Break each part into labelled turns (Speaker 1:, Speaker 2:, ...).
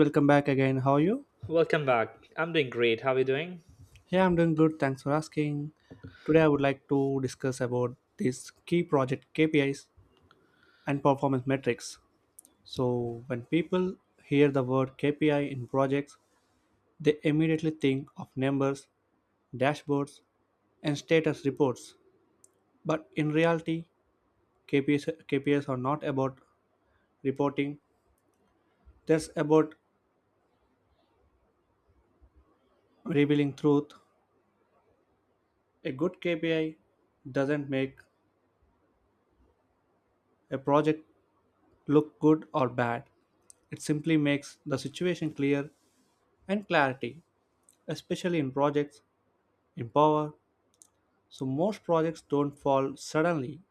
Speaker 1: Welcome back again. How are you?
Speaker 2: Welcome back. I'm doing great. How are you doing?
Speaker 1: Yeah, I'm doing good. Thanks for asking. Today I would like to discuss about these key project KPIs and performance metrics. So, when people hear the word KPI in projects, they immediately think of numbers, dashboards, and status reports. But in reality, KPIs are not about reporting, that's about revealing truth. A good KPI doesn't make a project look good or bad. It simply makes the situation clear and clarity, especially in projects in power. So most projects don't fall suddenly.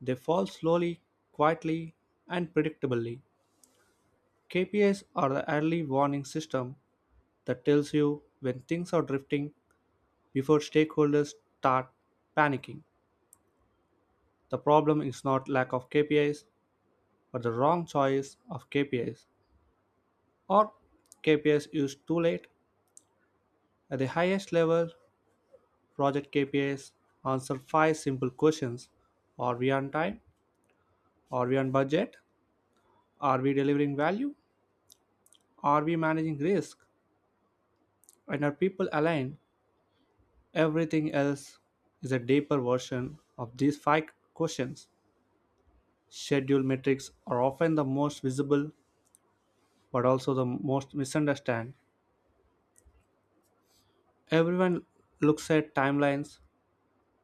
Speaker 1: They fall slowly, quietly, and predictably. KPIs are the early warning system that tells you when things are drifting before stakeholders start panicking. The problem is not lack of KPIs, but the wrong choice of KPIs or KPIs used too late at the highest level. Project KPIs answer five simple questions. Are we on time? Are we on budget? Are we delivering value? Are we managing risk? And are people aligned? Everything else is a deeper version of these five questions. Schedule metrics are often the most visible but also the most misunderstood. Everyone looks at timelines,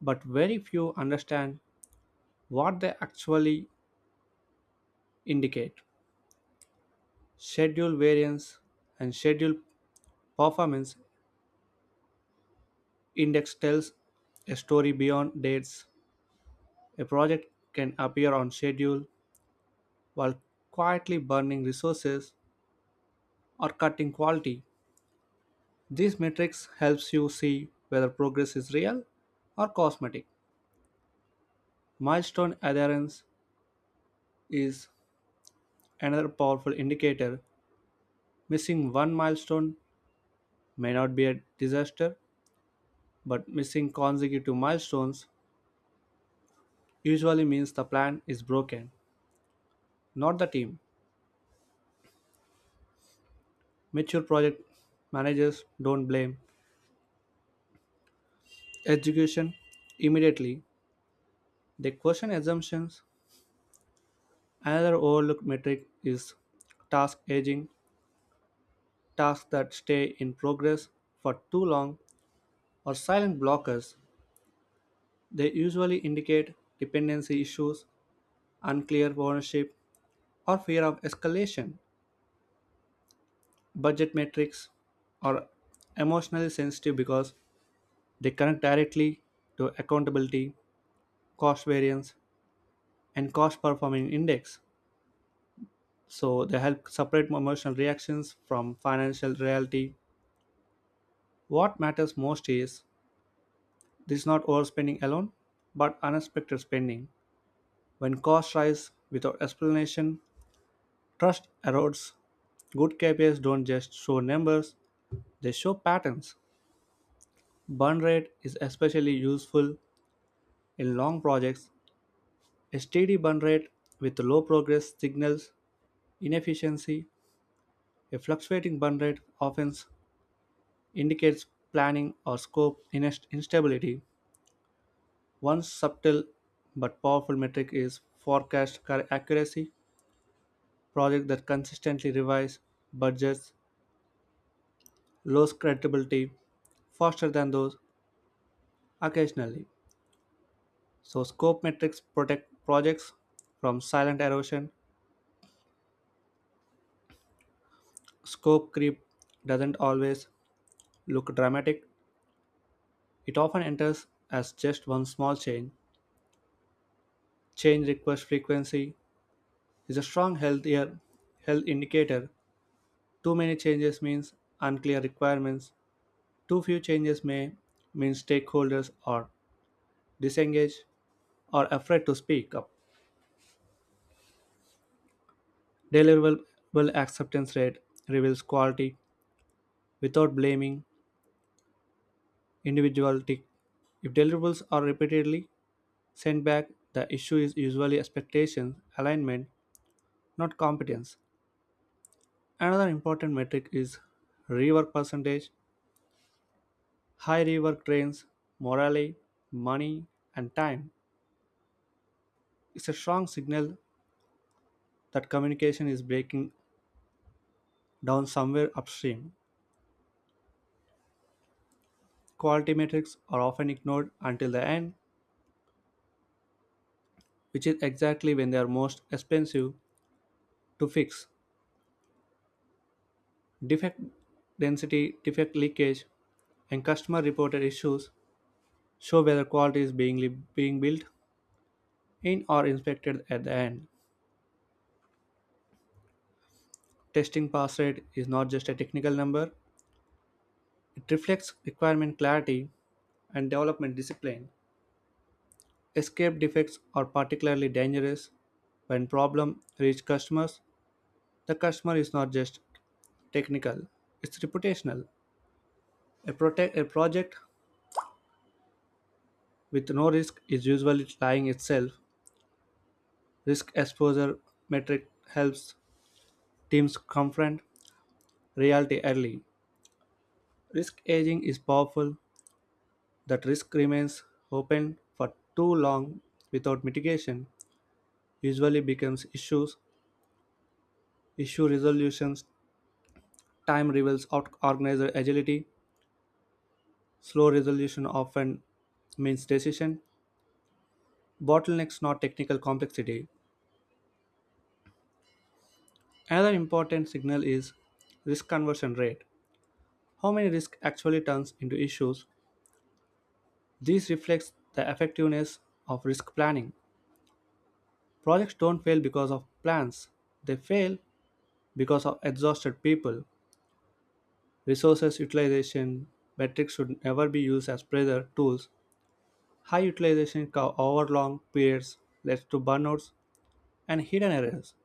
Speaker 1: but very few understand what they actually indicate. Schedule variance and schedule performance index tells a story beyond dates. A project can appear on schedule while quietly burning resources or cutting quality. These metrics helps you see whether progress is real or cosmetic. Milestone adherence is another powerful indicator. Missing one milestone may not be a disaster, but missing consecutive milestones usually means the plan is broken, not the team. Mature project managers don't blame education immediately. They question assumptions. Another overlooked metric is task aging. Tasks that stay in progress for too long or silent blockers. They usually indicate dependency issues, unclear ownership, or fear of escalation. Budget metrics are emotionally sensitive because they connect directly to accountability, cost variance, and cost performing index. So they help separate emotional reactions from financial reality. What matters most is this is not overspending alone, but unexpected spending. When costs rise without explanation, trust erodes. Good KPIs don't just show numbers, they show patterns. Burn rate is especially useful in long projects. A steady burn rate with low progress signals inefficiency. A fluctuating burn rate often indicates planning or scope instability. One subtle but powerful metric is forecast accuracy. Projects that consistently revise budgets lose credibility faster than those occasionally. So, scope metrics protect projects from silent erosion. Scope creep doesn't always look dramatic, it often enters as just one small change. Change request frequency is a strong health indicator. Too many changes means unclear requirements. Too few changes may mean stakeholders are disengaged or afraid to speak up. Deliverable acceptance rate reveals quality without blaming individuality. If deliverables are repeatedly sent back, the issue is usually expectation alignment, not competence. Another important metric is rework percentage. High rework drains morale, money, and time. It's a strong signal that communication is breaking down somewhere upstream. Quality metrics are often ignored until the end, which is exactly when they are most expensive to fix. Defect density, defect leakage, and customer reported issues show whether quality is being built in or inspected at the end. Testing pass rate is not just a technical number, it reflects requirement clarity and development discipline. Escape defects are particularly dangerous when problems reach customers. The customer is not just technical, it's reputational. A project with no risk is usually lying itself. Risk exposure metric helps teams confront reality early. Risk aging is powerful, that risk remains open for too long without mitigation usually becomes issues. Issue resolutions time reveals organizer agility. Slow resolution often means decision bottlenecks, not technical complexity. Another important signal is risk conversion rate. How many risk actually turns into issues? This reflects the effectiveness of risk planning. Projects don't fail because of plans. They fail because of exhausted people. Resources utilization metrics should never be used as pressure tools. High utilization over long periods leads to burnouts and hidden errors.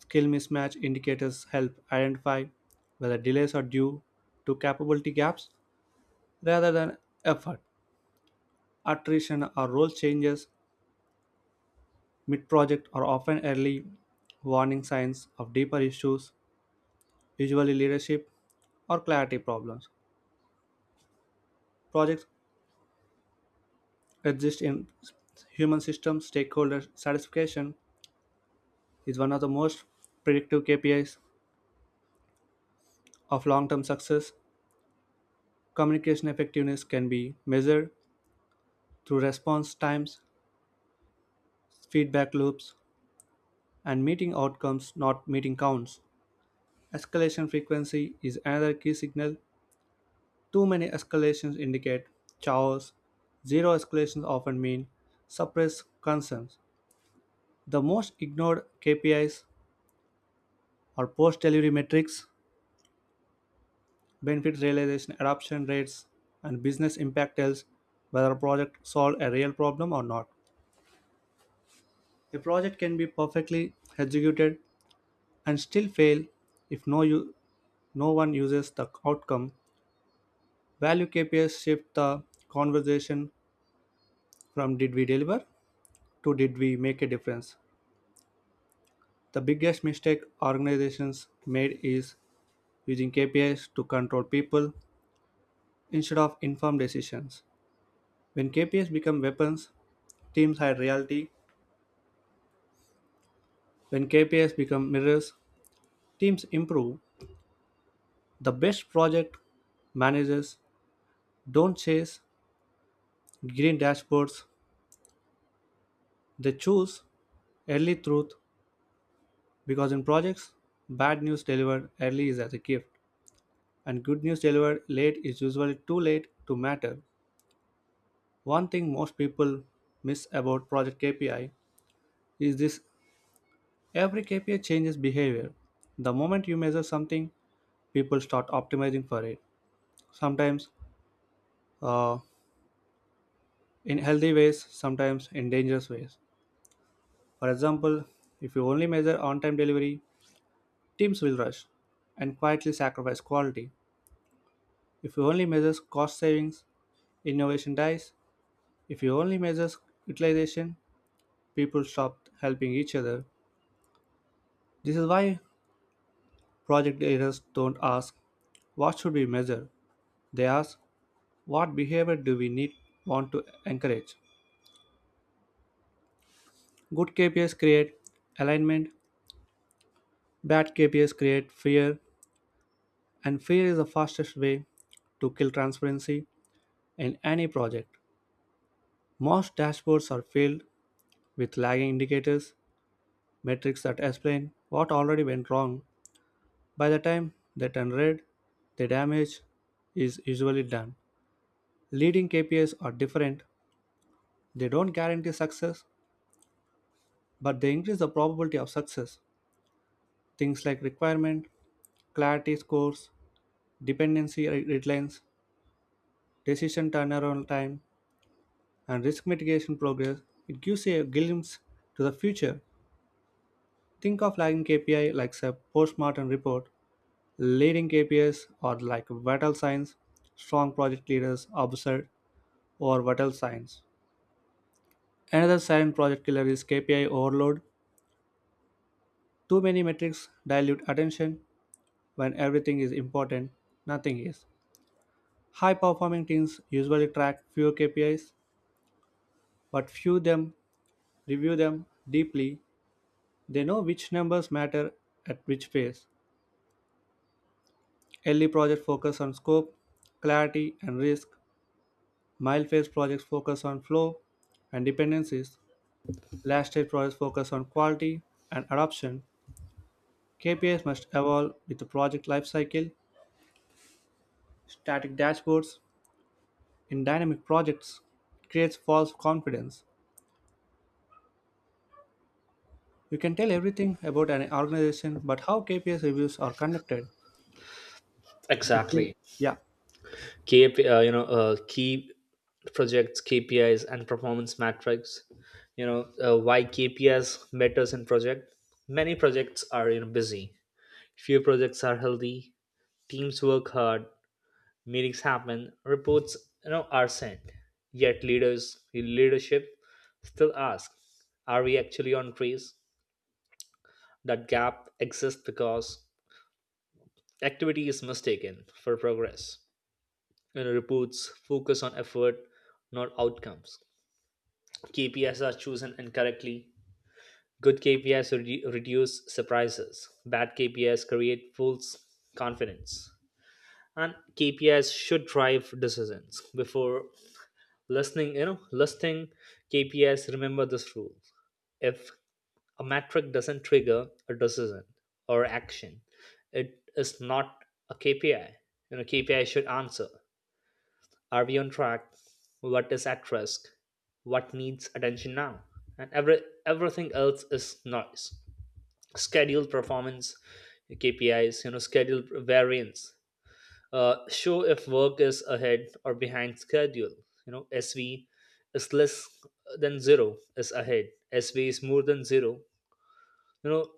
Speaker 1: Skill mismatch indicators help identify whether delays are due to capability gaps rather than effort. Attrition or role changes mid project are often early warning signs of deeper issues, usually leadership or clarity problems. Projects exist in human systems, stakeholder satisfaction is one of the most predictive KPIs of long term success. Communication effectiveness can be measured through response times, feedback loops, and meeting outcomes not meeting counts. Escalation frequency is another key signal. Too many escalations indicate chaos. Zero escalations often mean suppressed concerns. The most ignored KPIs are post delivery metrics, benefit realization adoption rates, and business impact tells whether a project solved a real problem or not. A project can be perfectly executed and still fail if no one uses the outcome. Value KPIs shift the conversation from did we deliver to did we make a difference. The biggest mistake organizations made is using KPIs to control people instead of informed decisions. When KPIs become weapons, teams hide reality. When KPIs become mirrors, teams improve. The best project managers don't chase green dashboards, they choose early truth because in projects, bad news delivered early is as a gift, and good news delivered late is usually too late to matter. One thing most people miss about project KPI is this: every KPI changes behavior. The moment you measure something, people start optimizing for it. Sometimes uh, in healthy ways, sometimes in dangerous ways. For example, if you only measure on time delivery, teams will rush and quietly sacrifice quality. If you only measure cost savings, innovation dies. If you only measure utilization, people stopped helping each other. This is why project leaders don't ask, what should we measure? They ask, what behavior do we need want to encourage? Good KPIs create alignment, bad KPIs create fear, and fear is the fastest way to kill transparency in any project. Most dashboards are filled with lagging indicators, metrics that explain what already went wrong. By the time they turn red, the damage is usually done. Leading KPIs are different. They don't guarantee success, but they increase the probability of success. Things like requirement, clarity scores, dependency deadlines, decision turnaround time, and risk mitigation progress. It gives you a glimpse to the future. Think of lagging KPI like a postmortem report. Leading KPIs are like vital signs. Strong project leaders obsessed over vital signs. Another silent project killer is KPI overload. Too many metrics dilute attention when everything is important, nothing is. High performing teams usually track fewer KPIs, but few them review them deeply. They know which numbers matter at which phase. Early projects focus on scope, clarity, and risk. Mild phase projects focus on flow and dependencies. Last stage projects focus on quality and adoption. KPIs must evolve with the project lifecycle. Static dashboards in dynamic projects creates false confidence. You can tell everything about an organization, but how KPIs reviews are conducted. If we,
Speaker 2: Exactly.
Speaker 1: yeah,
Speaker 2: Key projects, KPIs, and performance metrics. Why KPIs matters in project. Many projects are busy. Few projects are healthy. Teams work hard. Meetings happen. Reports are sent. Yet leadership still ask, are we actually on trace? That gap exists because activity is mistaken for progress. Reports focus on effort, not outcomes. KPIs are chosen incorrectly. Good KPIs reduce surprises. Bad KPIs create false confidence. And KPIs should drive decisions. Before listing KPIs, remember this rule. If a metric doesn't trigger a decision or action, it is not a KPI. KPI should answer. Are we on track? What is at risk? What needs attention now? And everything else is noise. Schedule performance KPIs, schedule variance. Show if work is ahead or behind schedule. SV is less than zero is ahead. SV is more than zero. You know,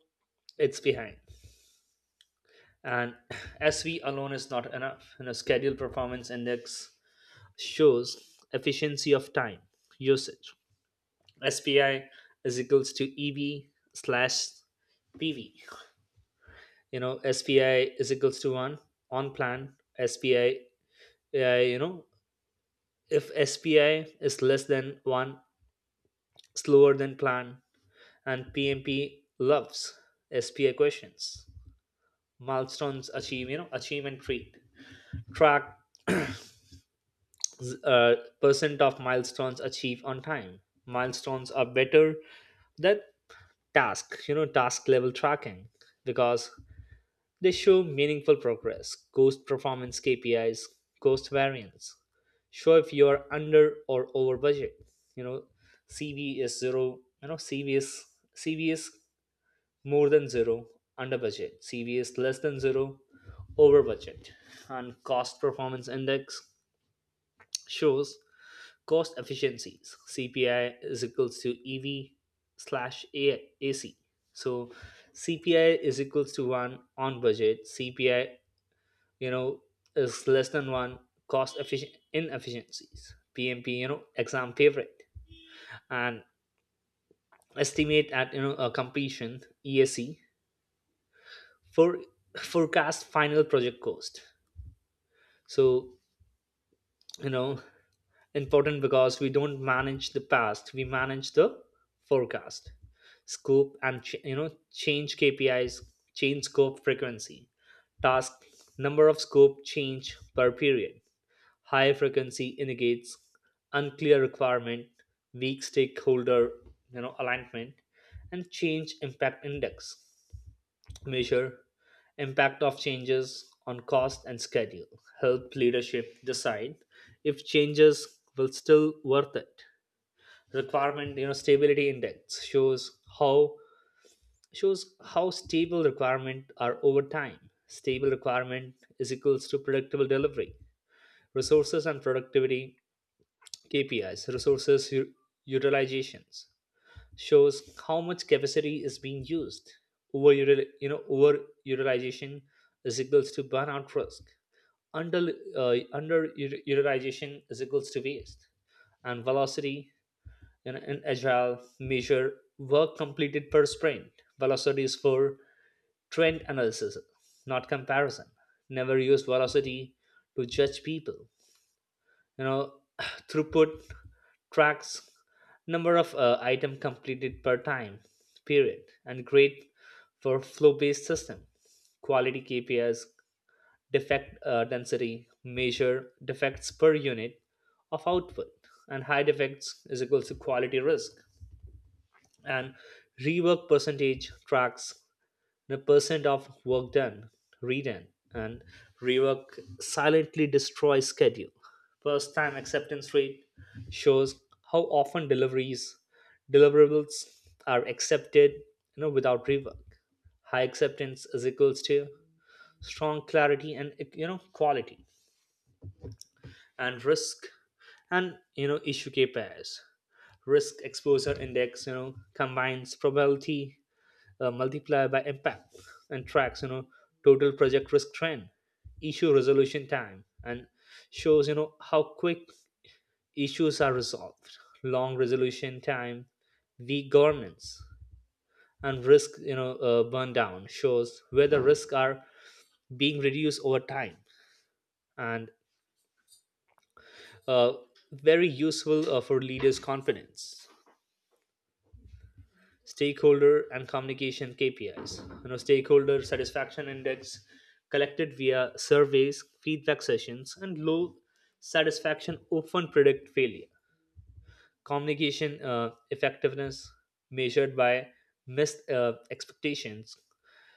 Speaker 2: it's behind. And SV alone is not enough. Schedule performance index shows efficiency of time usage. SPI is equals to EV slash PV. SPI is equals to one on plan. SPI, uh, you know, if SPI is less than one, slower than plan, and PMP loves SPI questions. Milestones achievement treat. Track uh, percent of milestones achieved on time. Milestones are better than task level tracking because they show meaningful progress. Cost performance KPIs, cost variance, show if you are under or over budget. You know, CV is zero, CV is more than zero, under budget, CV is less than zero, over budget. And cost performance index shows cost efficiencies. CPI is equals to EV slash AC. So CPI is equals to 1 on budget. CPI you know is less than one, cost efficient inefficiencies. PMP exam favorite. And estimate at a completion esc for forecast final project cost. So you know important because we don't manage the past, we manage the forecast. Scope and change KPIs. Change scope frequency, task, number of scope change per period. High frequency indicates unclear requirement, weak stakeholder alignment, and change impact index. Measure impact of changes on cost and schedule. Help leadership decide if changes will still worth it. Requirement stability index shows how stable requirement are over time. Stable requirement is equals to predictable delivery. Resources and productivity KPIs, resources utilizations, shows how much capacity is being used. Over utilization is equals to burnout risk. Under utilization is equals to waste. And velocity in agile measure work completed per sprint. Velocity is for trend analysis, not comparison. Never use velocity to judge people. you know Throughput tracks number of item completed per time period and great for flow based system. Quality KPIs, defect density measure defects per unit of output, and high defects is equals to quality risk. And rework percentage tracks the percent of work done, redone. And rework silently destroys schedule. First time acceptance rate shows how often deliveries deliverables are accepted without rework. High acceptance is equals to strong clarity and quality. And risk and issue K pairs. Risk exposure index combines probability multiply by impact, and tracks total project risk trend. Issue resolution time and shows how quick issues are resolved. Long resolution time, weak governance. And risk burn down shows whether risks are being reduced over time, and uh, very useful for leaders confidence. Stakeholder and communication KPIs. Stakeholder satisfaction index collected via surveys, feedback sessions, and low satisfaction often predict failure. Communication effectiveness measured by missed expectations,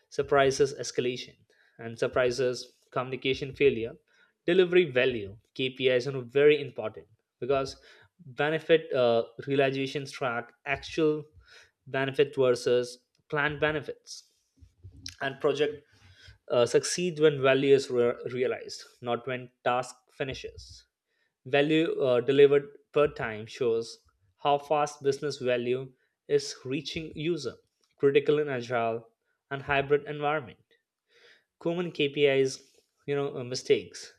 Speaker 2: surprises, escalation, and surprises communication failure. Delivery value KPIs are very important because benefit realizations track actual benefit versus planned benefits. And project succeed when value is realized, not when task finishes. Value delivered per time shows how fast business value is reaching user, critical and agile, and hybrid environment. Common KPIs, mistakes.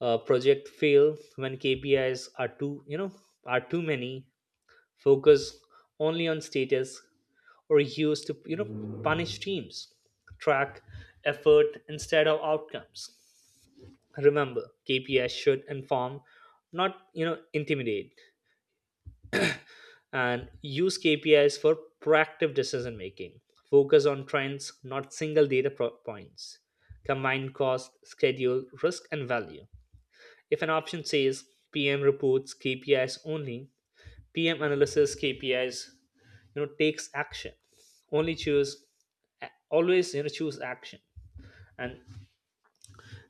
Speaker 2: Project fail when KPIs are are too many. Focus only on status or used to, punish teams. Track effort instead of outcomes. Remember, KPIs should inform, not intimidate. And use KPIs for proactive decision making. Focus on trends, not single data points. Combine cost, schedule, risk, and value. If an option says PM reports KPIs only, PM analysis KPIs, takes action. Only choose, always choose action. And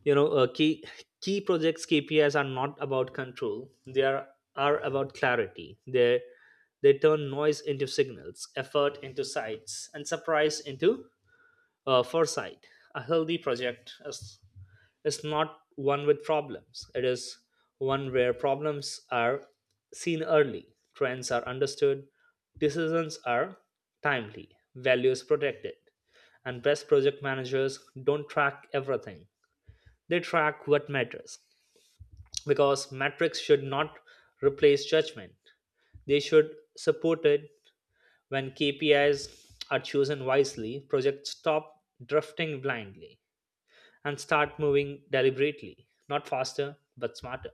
Speaker 2: you know uh, key projects KPIs are not about control. They are about clarity. They turn noise into signals, effort into sights, and surprise into foresight. A healthy project is not one with problems. It is one where problems are seen early, trends are understood, decisions are timely, values protected. And best project managers don't track everything. They track what matters, because metrics should not replace judgment. They should support it when KPIs are chosen wisely. Projects stop drifting blindly and start moving deliberately, not faster, but smarter.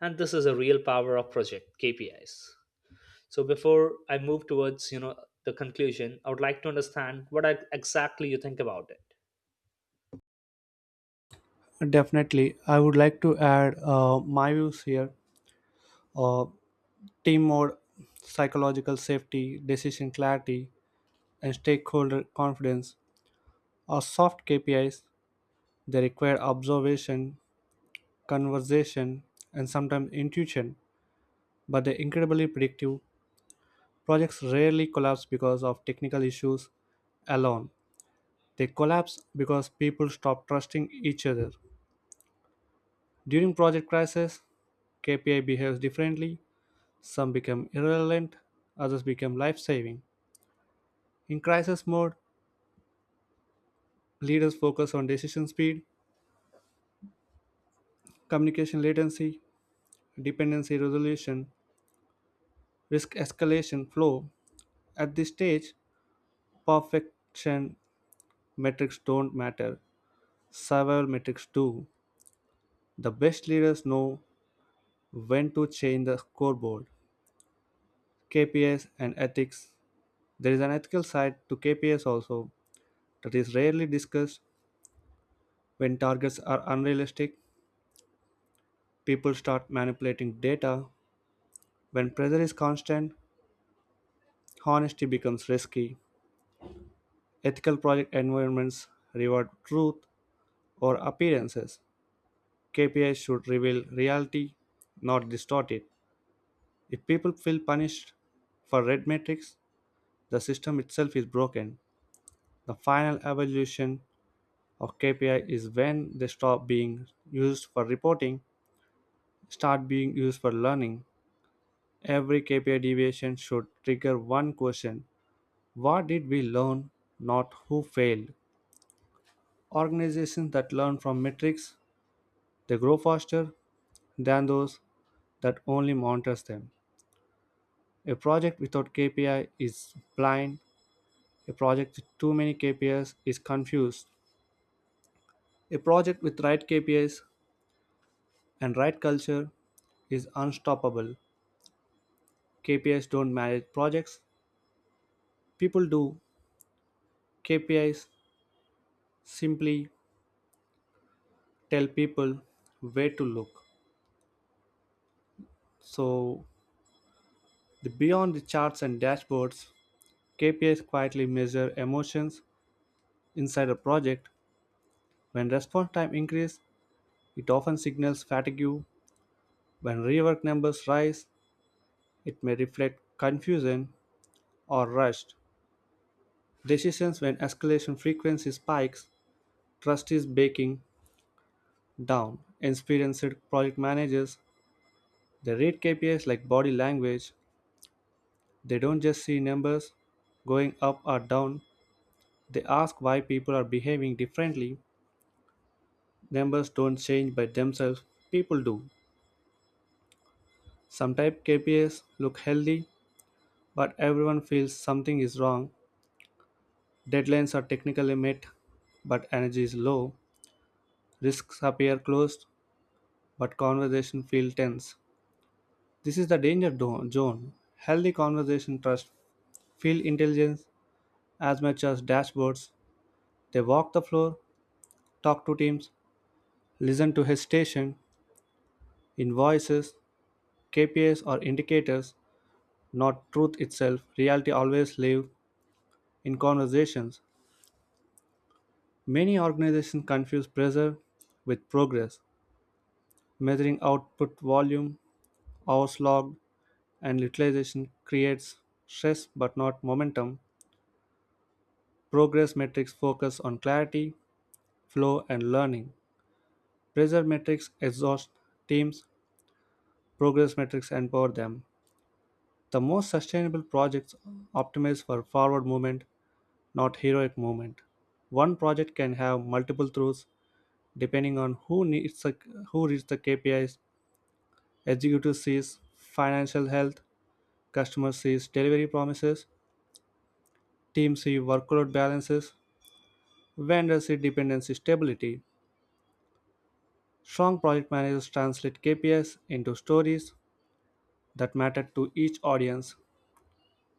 Speaker 2: And this is a real power of project KPIs. So before I move towards, the conclusion, I would like to understand what exactly you think about it.
Speaker 1: definitely. I would like to add my views here. Uh, Team mode, psychological safety, decision clarity, and stakeholder confidence are soft KPIs. They require observation, conversation, and sometimes intuition, but they're incredibly predictive. Projects rarely collapse because of technical issues alone. They collapse because people stop trusting each other. During project crisis, KPI behaves differently. Some become irrelevant, others become life saving. In crisis mode, leaders focus on decision speed, communication latency, dependency resolution, risk escalation flow. At this stage, perfection metrics don't matter, survival metrics do. The best leaders know when to change the scoreboard. KPIs and ethics. There is an ethical side to KPIs also that is rarely discussed. When targets are unrealistic, people start manipulating data. When pressure is constant, honesty becomes risky. Ethical project environments reward truth or appearances. KPIs should reveal reality, not distort it. If people feel punished for red metrics, the system itself is broken. The final evaluation of KPI is when they stop being used for reporting, start being used for learning. Every KPI deviation should trigger one question: what did we learn, not who failed? Organizations that learn from metrics, they grow faster than those that only monitors them. A project without KPI is blind. A project with too many KPIs is confused. A project with right KPIs and right culture is unstoppable. KPIs don't manage projects, people do. KPIs simply tell people where to look. So, the beyond the charts and dashboards, KPIs quietly measure emotions inside a project. When response time increases, it often signals fatigue. When rework numbers rise, it may reflect confusion or rushed decisions. When escalation frequency spikes, trust is breaking down. Experienced project managers, they read KPIs like body language. They don't just see numbers going up or down. They ask why people are behaving differently. Numbers don't change by themselves, people do. Some type KPIs look healthy, but everyone feels something is wrong. Deadlines are technically met, but energy is low. Risks appear closed, but conversation feel tense. This is the danger zone. Healthy conversation trust feel intelligence as much as dashboards. They walk the floor, talk to teams, listen to hesitation, invoices, KPIs or indicators, not truth itself. Reality always live in conversations. Many organizations confuse pressure with progress. Measuring output volume, hours logged, and utilization creates stress but not momentum. Progress metrics focus on clarity, flow, and learning. Pressure metrics exhaust teams, progress metrics empower them. The most sustainable projects optimize for forward movement, not heroic movement. One project can have multiple throughs depending on who reads the KPIs. Executive sees financial health, customer sees delivery promises, team see workload balances, vendor see dependency stability. Strong project managers translate KPIs into stories that matter to each audience.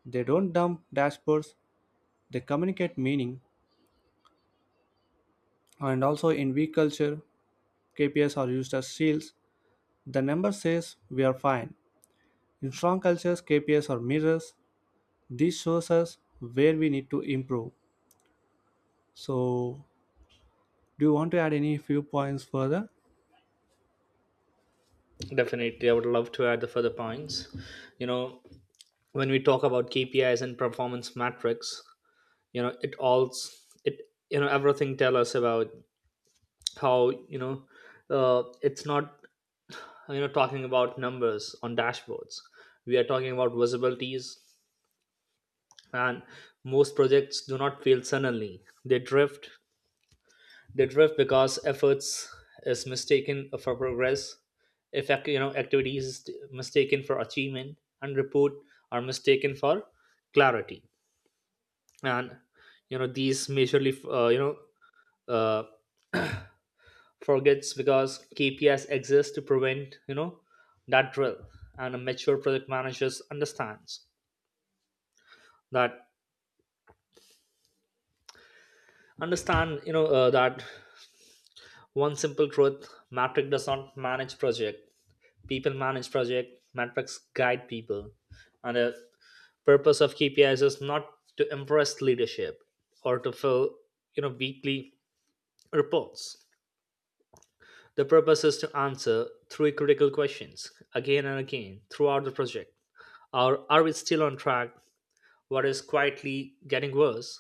Speaker 1: They don't dump dashboards, they communicate meaning. And also in we culture, KPIs are used as shields. The number says we are fine. In strong cultures, KPIs are mirrors. This shows us where we need to improve. So, do you want to add any few points further?
Speaker 2: Definitely, I would love to add the further points. You know, when we talk about KPIs and performance metrics, it all it everything tell us about how it's not talking about numbers on dashboards. We are talking about visibilities. And most projects do not fail suddenly. They drift they drift because efforts is mistaken for progress. If activities is mistaken for achievement, and report are mistaken for clarity. And these majorly uh, forgets because KPIs exist to prevent that drill. And a mature project managers that understand that one simple truth: metric does not manage project. People manage project. Metrics guide people, and the purpose of KPIs is not to impress leadership or to fill weekly reports. The purpose is to answer three critical questions again and again throughout the project. Are we still on track? What is quietly getting worse?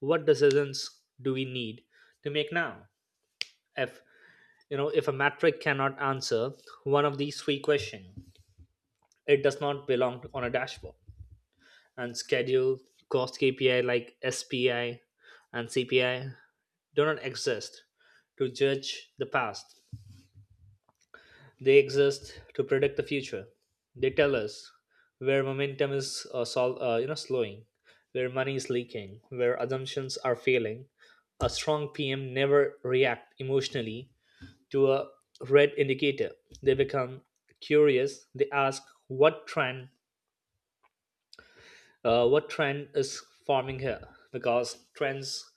Speaker 2: What decisions do we need to make now? If you know, if a metric cannot answer one of these three questions, it does not belong on a dashboard. And schedule, cost KPI like SPI and CPI do not exist to judge the past. They exist to predict the future. They tell us where momentum is slowing, where money is leaking, where assumptions are failing. A strong PM never react emotionally to a red indicator. They become curious. They ask what trend what trend is forming here, because trends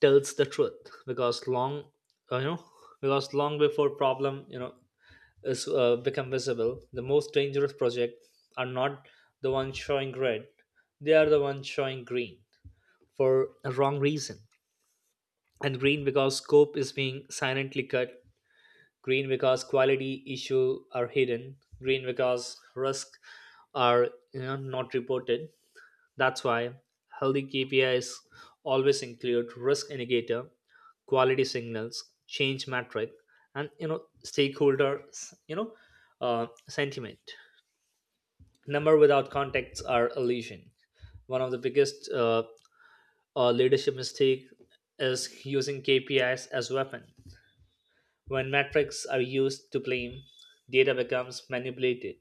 Speaker 2: tells the truth. Because long uh, you know because long before problem is become visible, the most dangerous projects are not the ones showing red, they are the ones showing green for a wrong reason. And green because scope is being silently cut, green because quality issue are hidden, green because risk are not reported. That's why healthy K P is always include risk indicator, quality signals, change metric, and stakeholders sentiment. Number without contacts are illusion. One of the biggest leadership mistake is using KPIs as weapon. When metrics are used to blame, data becomes manipulated.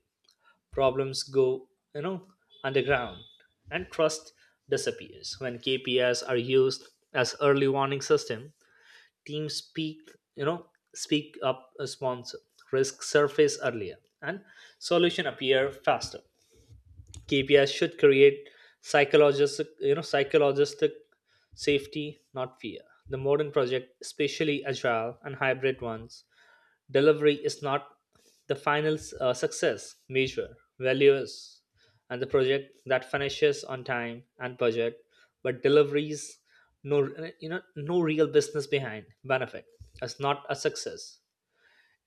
Speaker 2: Problems go, you know, underground, and trust disappears. When KPIs are used as early warning system, teams you know, speak up a sponsor. Risk surface earlier, and solution appear faster. KPIs should create psychological safety, not fear. The modern project, especially agile and hybrid ones, delivery is not the final success measure. Value is, and the project that finishes on time and budget, but deliveries no no real business behind benefit is not a success.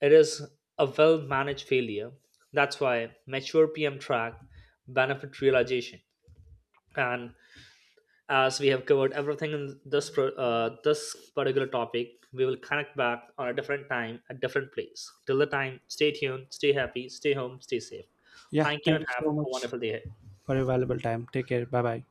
Speaker 2: It is a well managed failure. That's why mature PM track benefit realization. And as we have covered everything in this this particular topic, we will connect back on a different time, a different place. Till the time, stay tuned, stay happy, stay home, stay safe.
Speaker 1: Yeah,
Speaker 2: Thank you,
Speaker 1: thank
Speaker 2: and
Speaker 1: you
Speaker 2: have
Speaker 1: so
Speaker 2: a
Speaker 1: much
Speaker 2: wonderful day ahead.
Speaker 1: for your valuable time. Take care. Bye bye.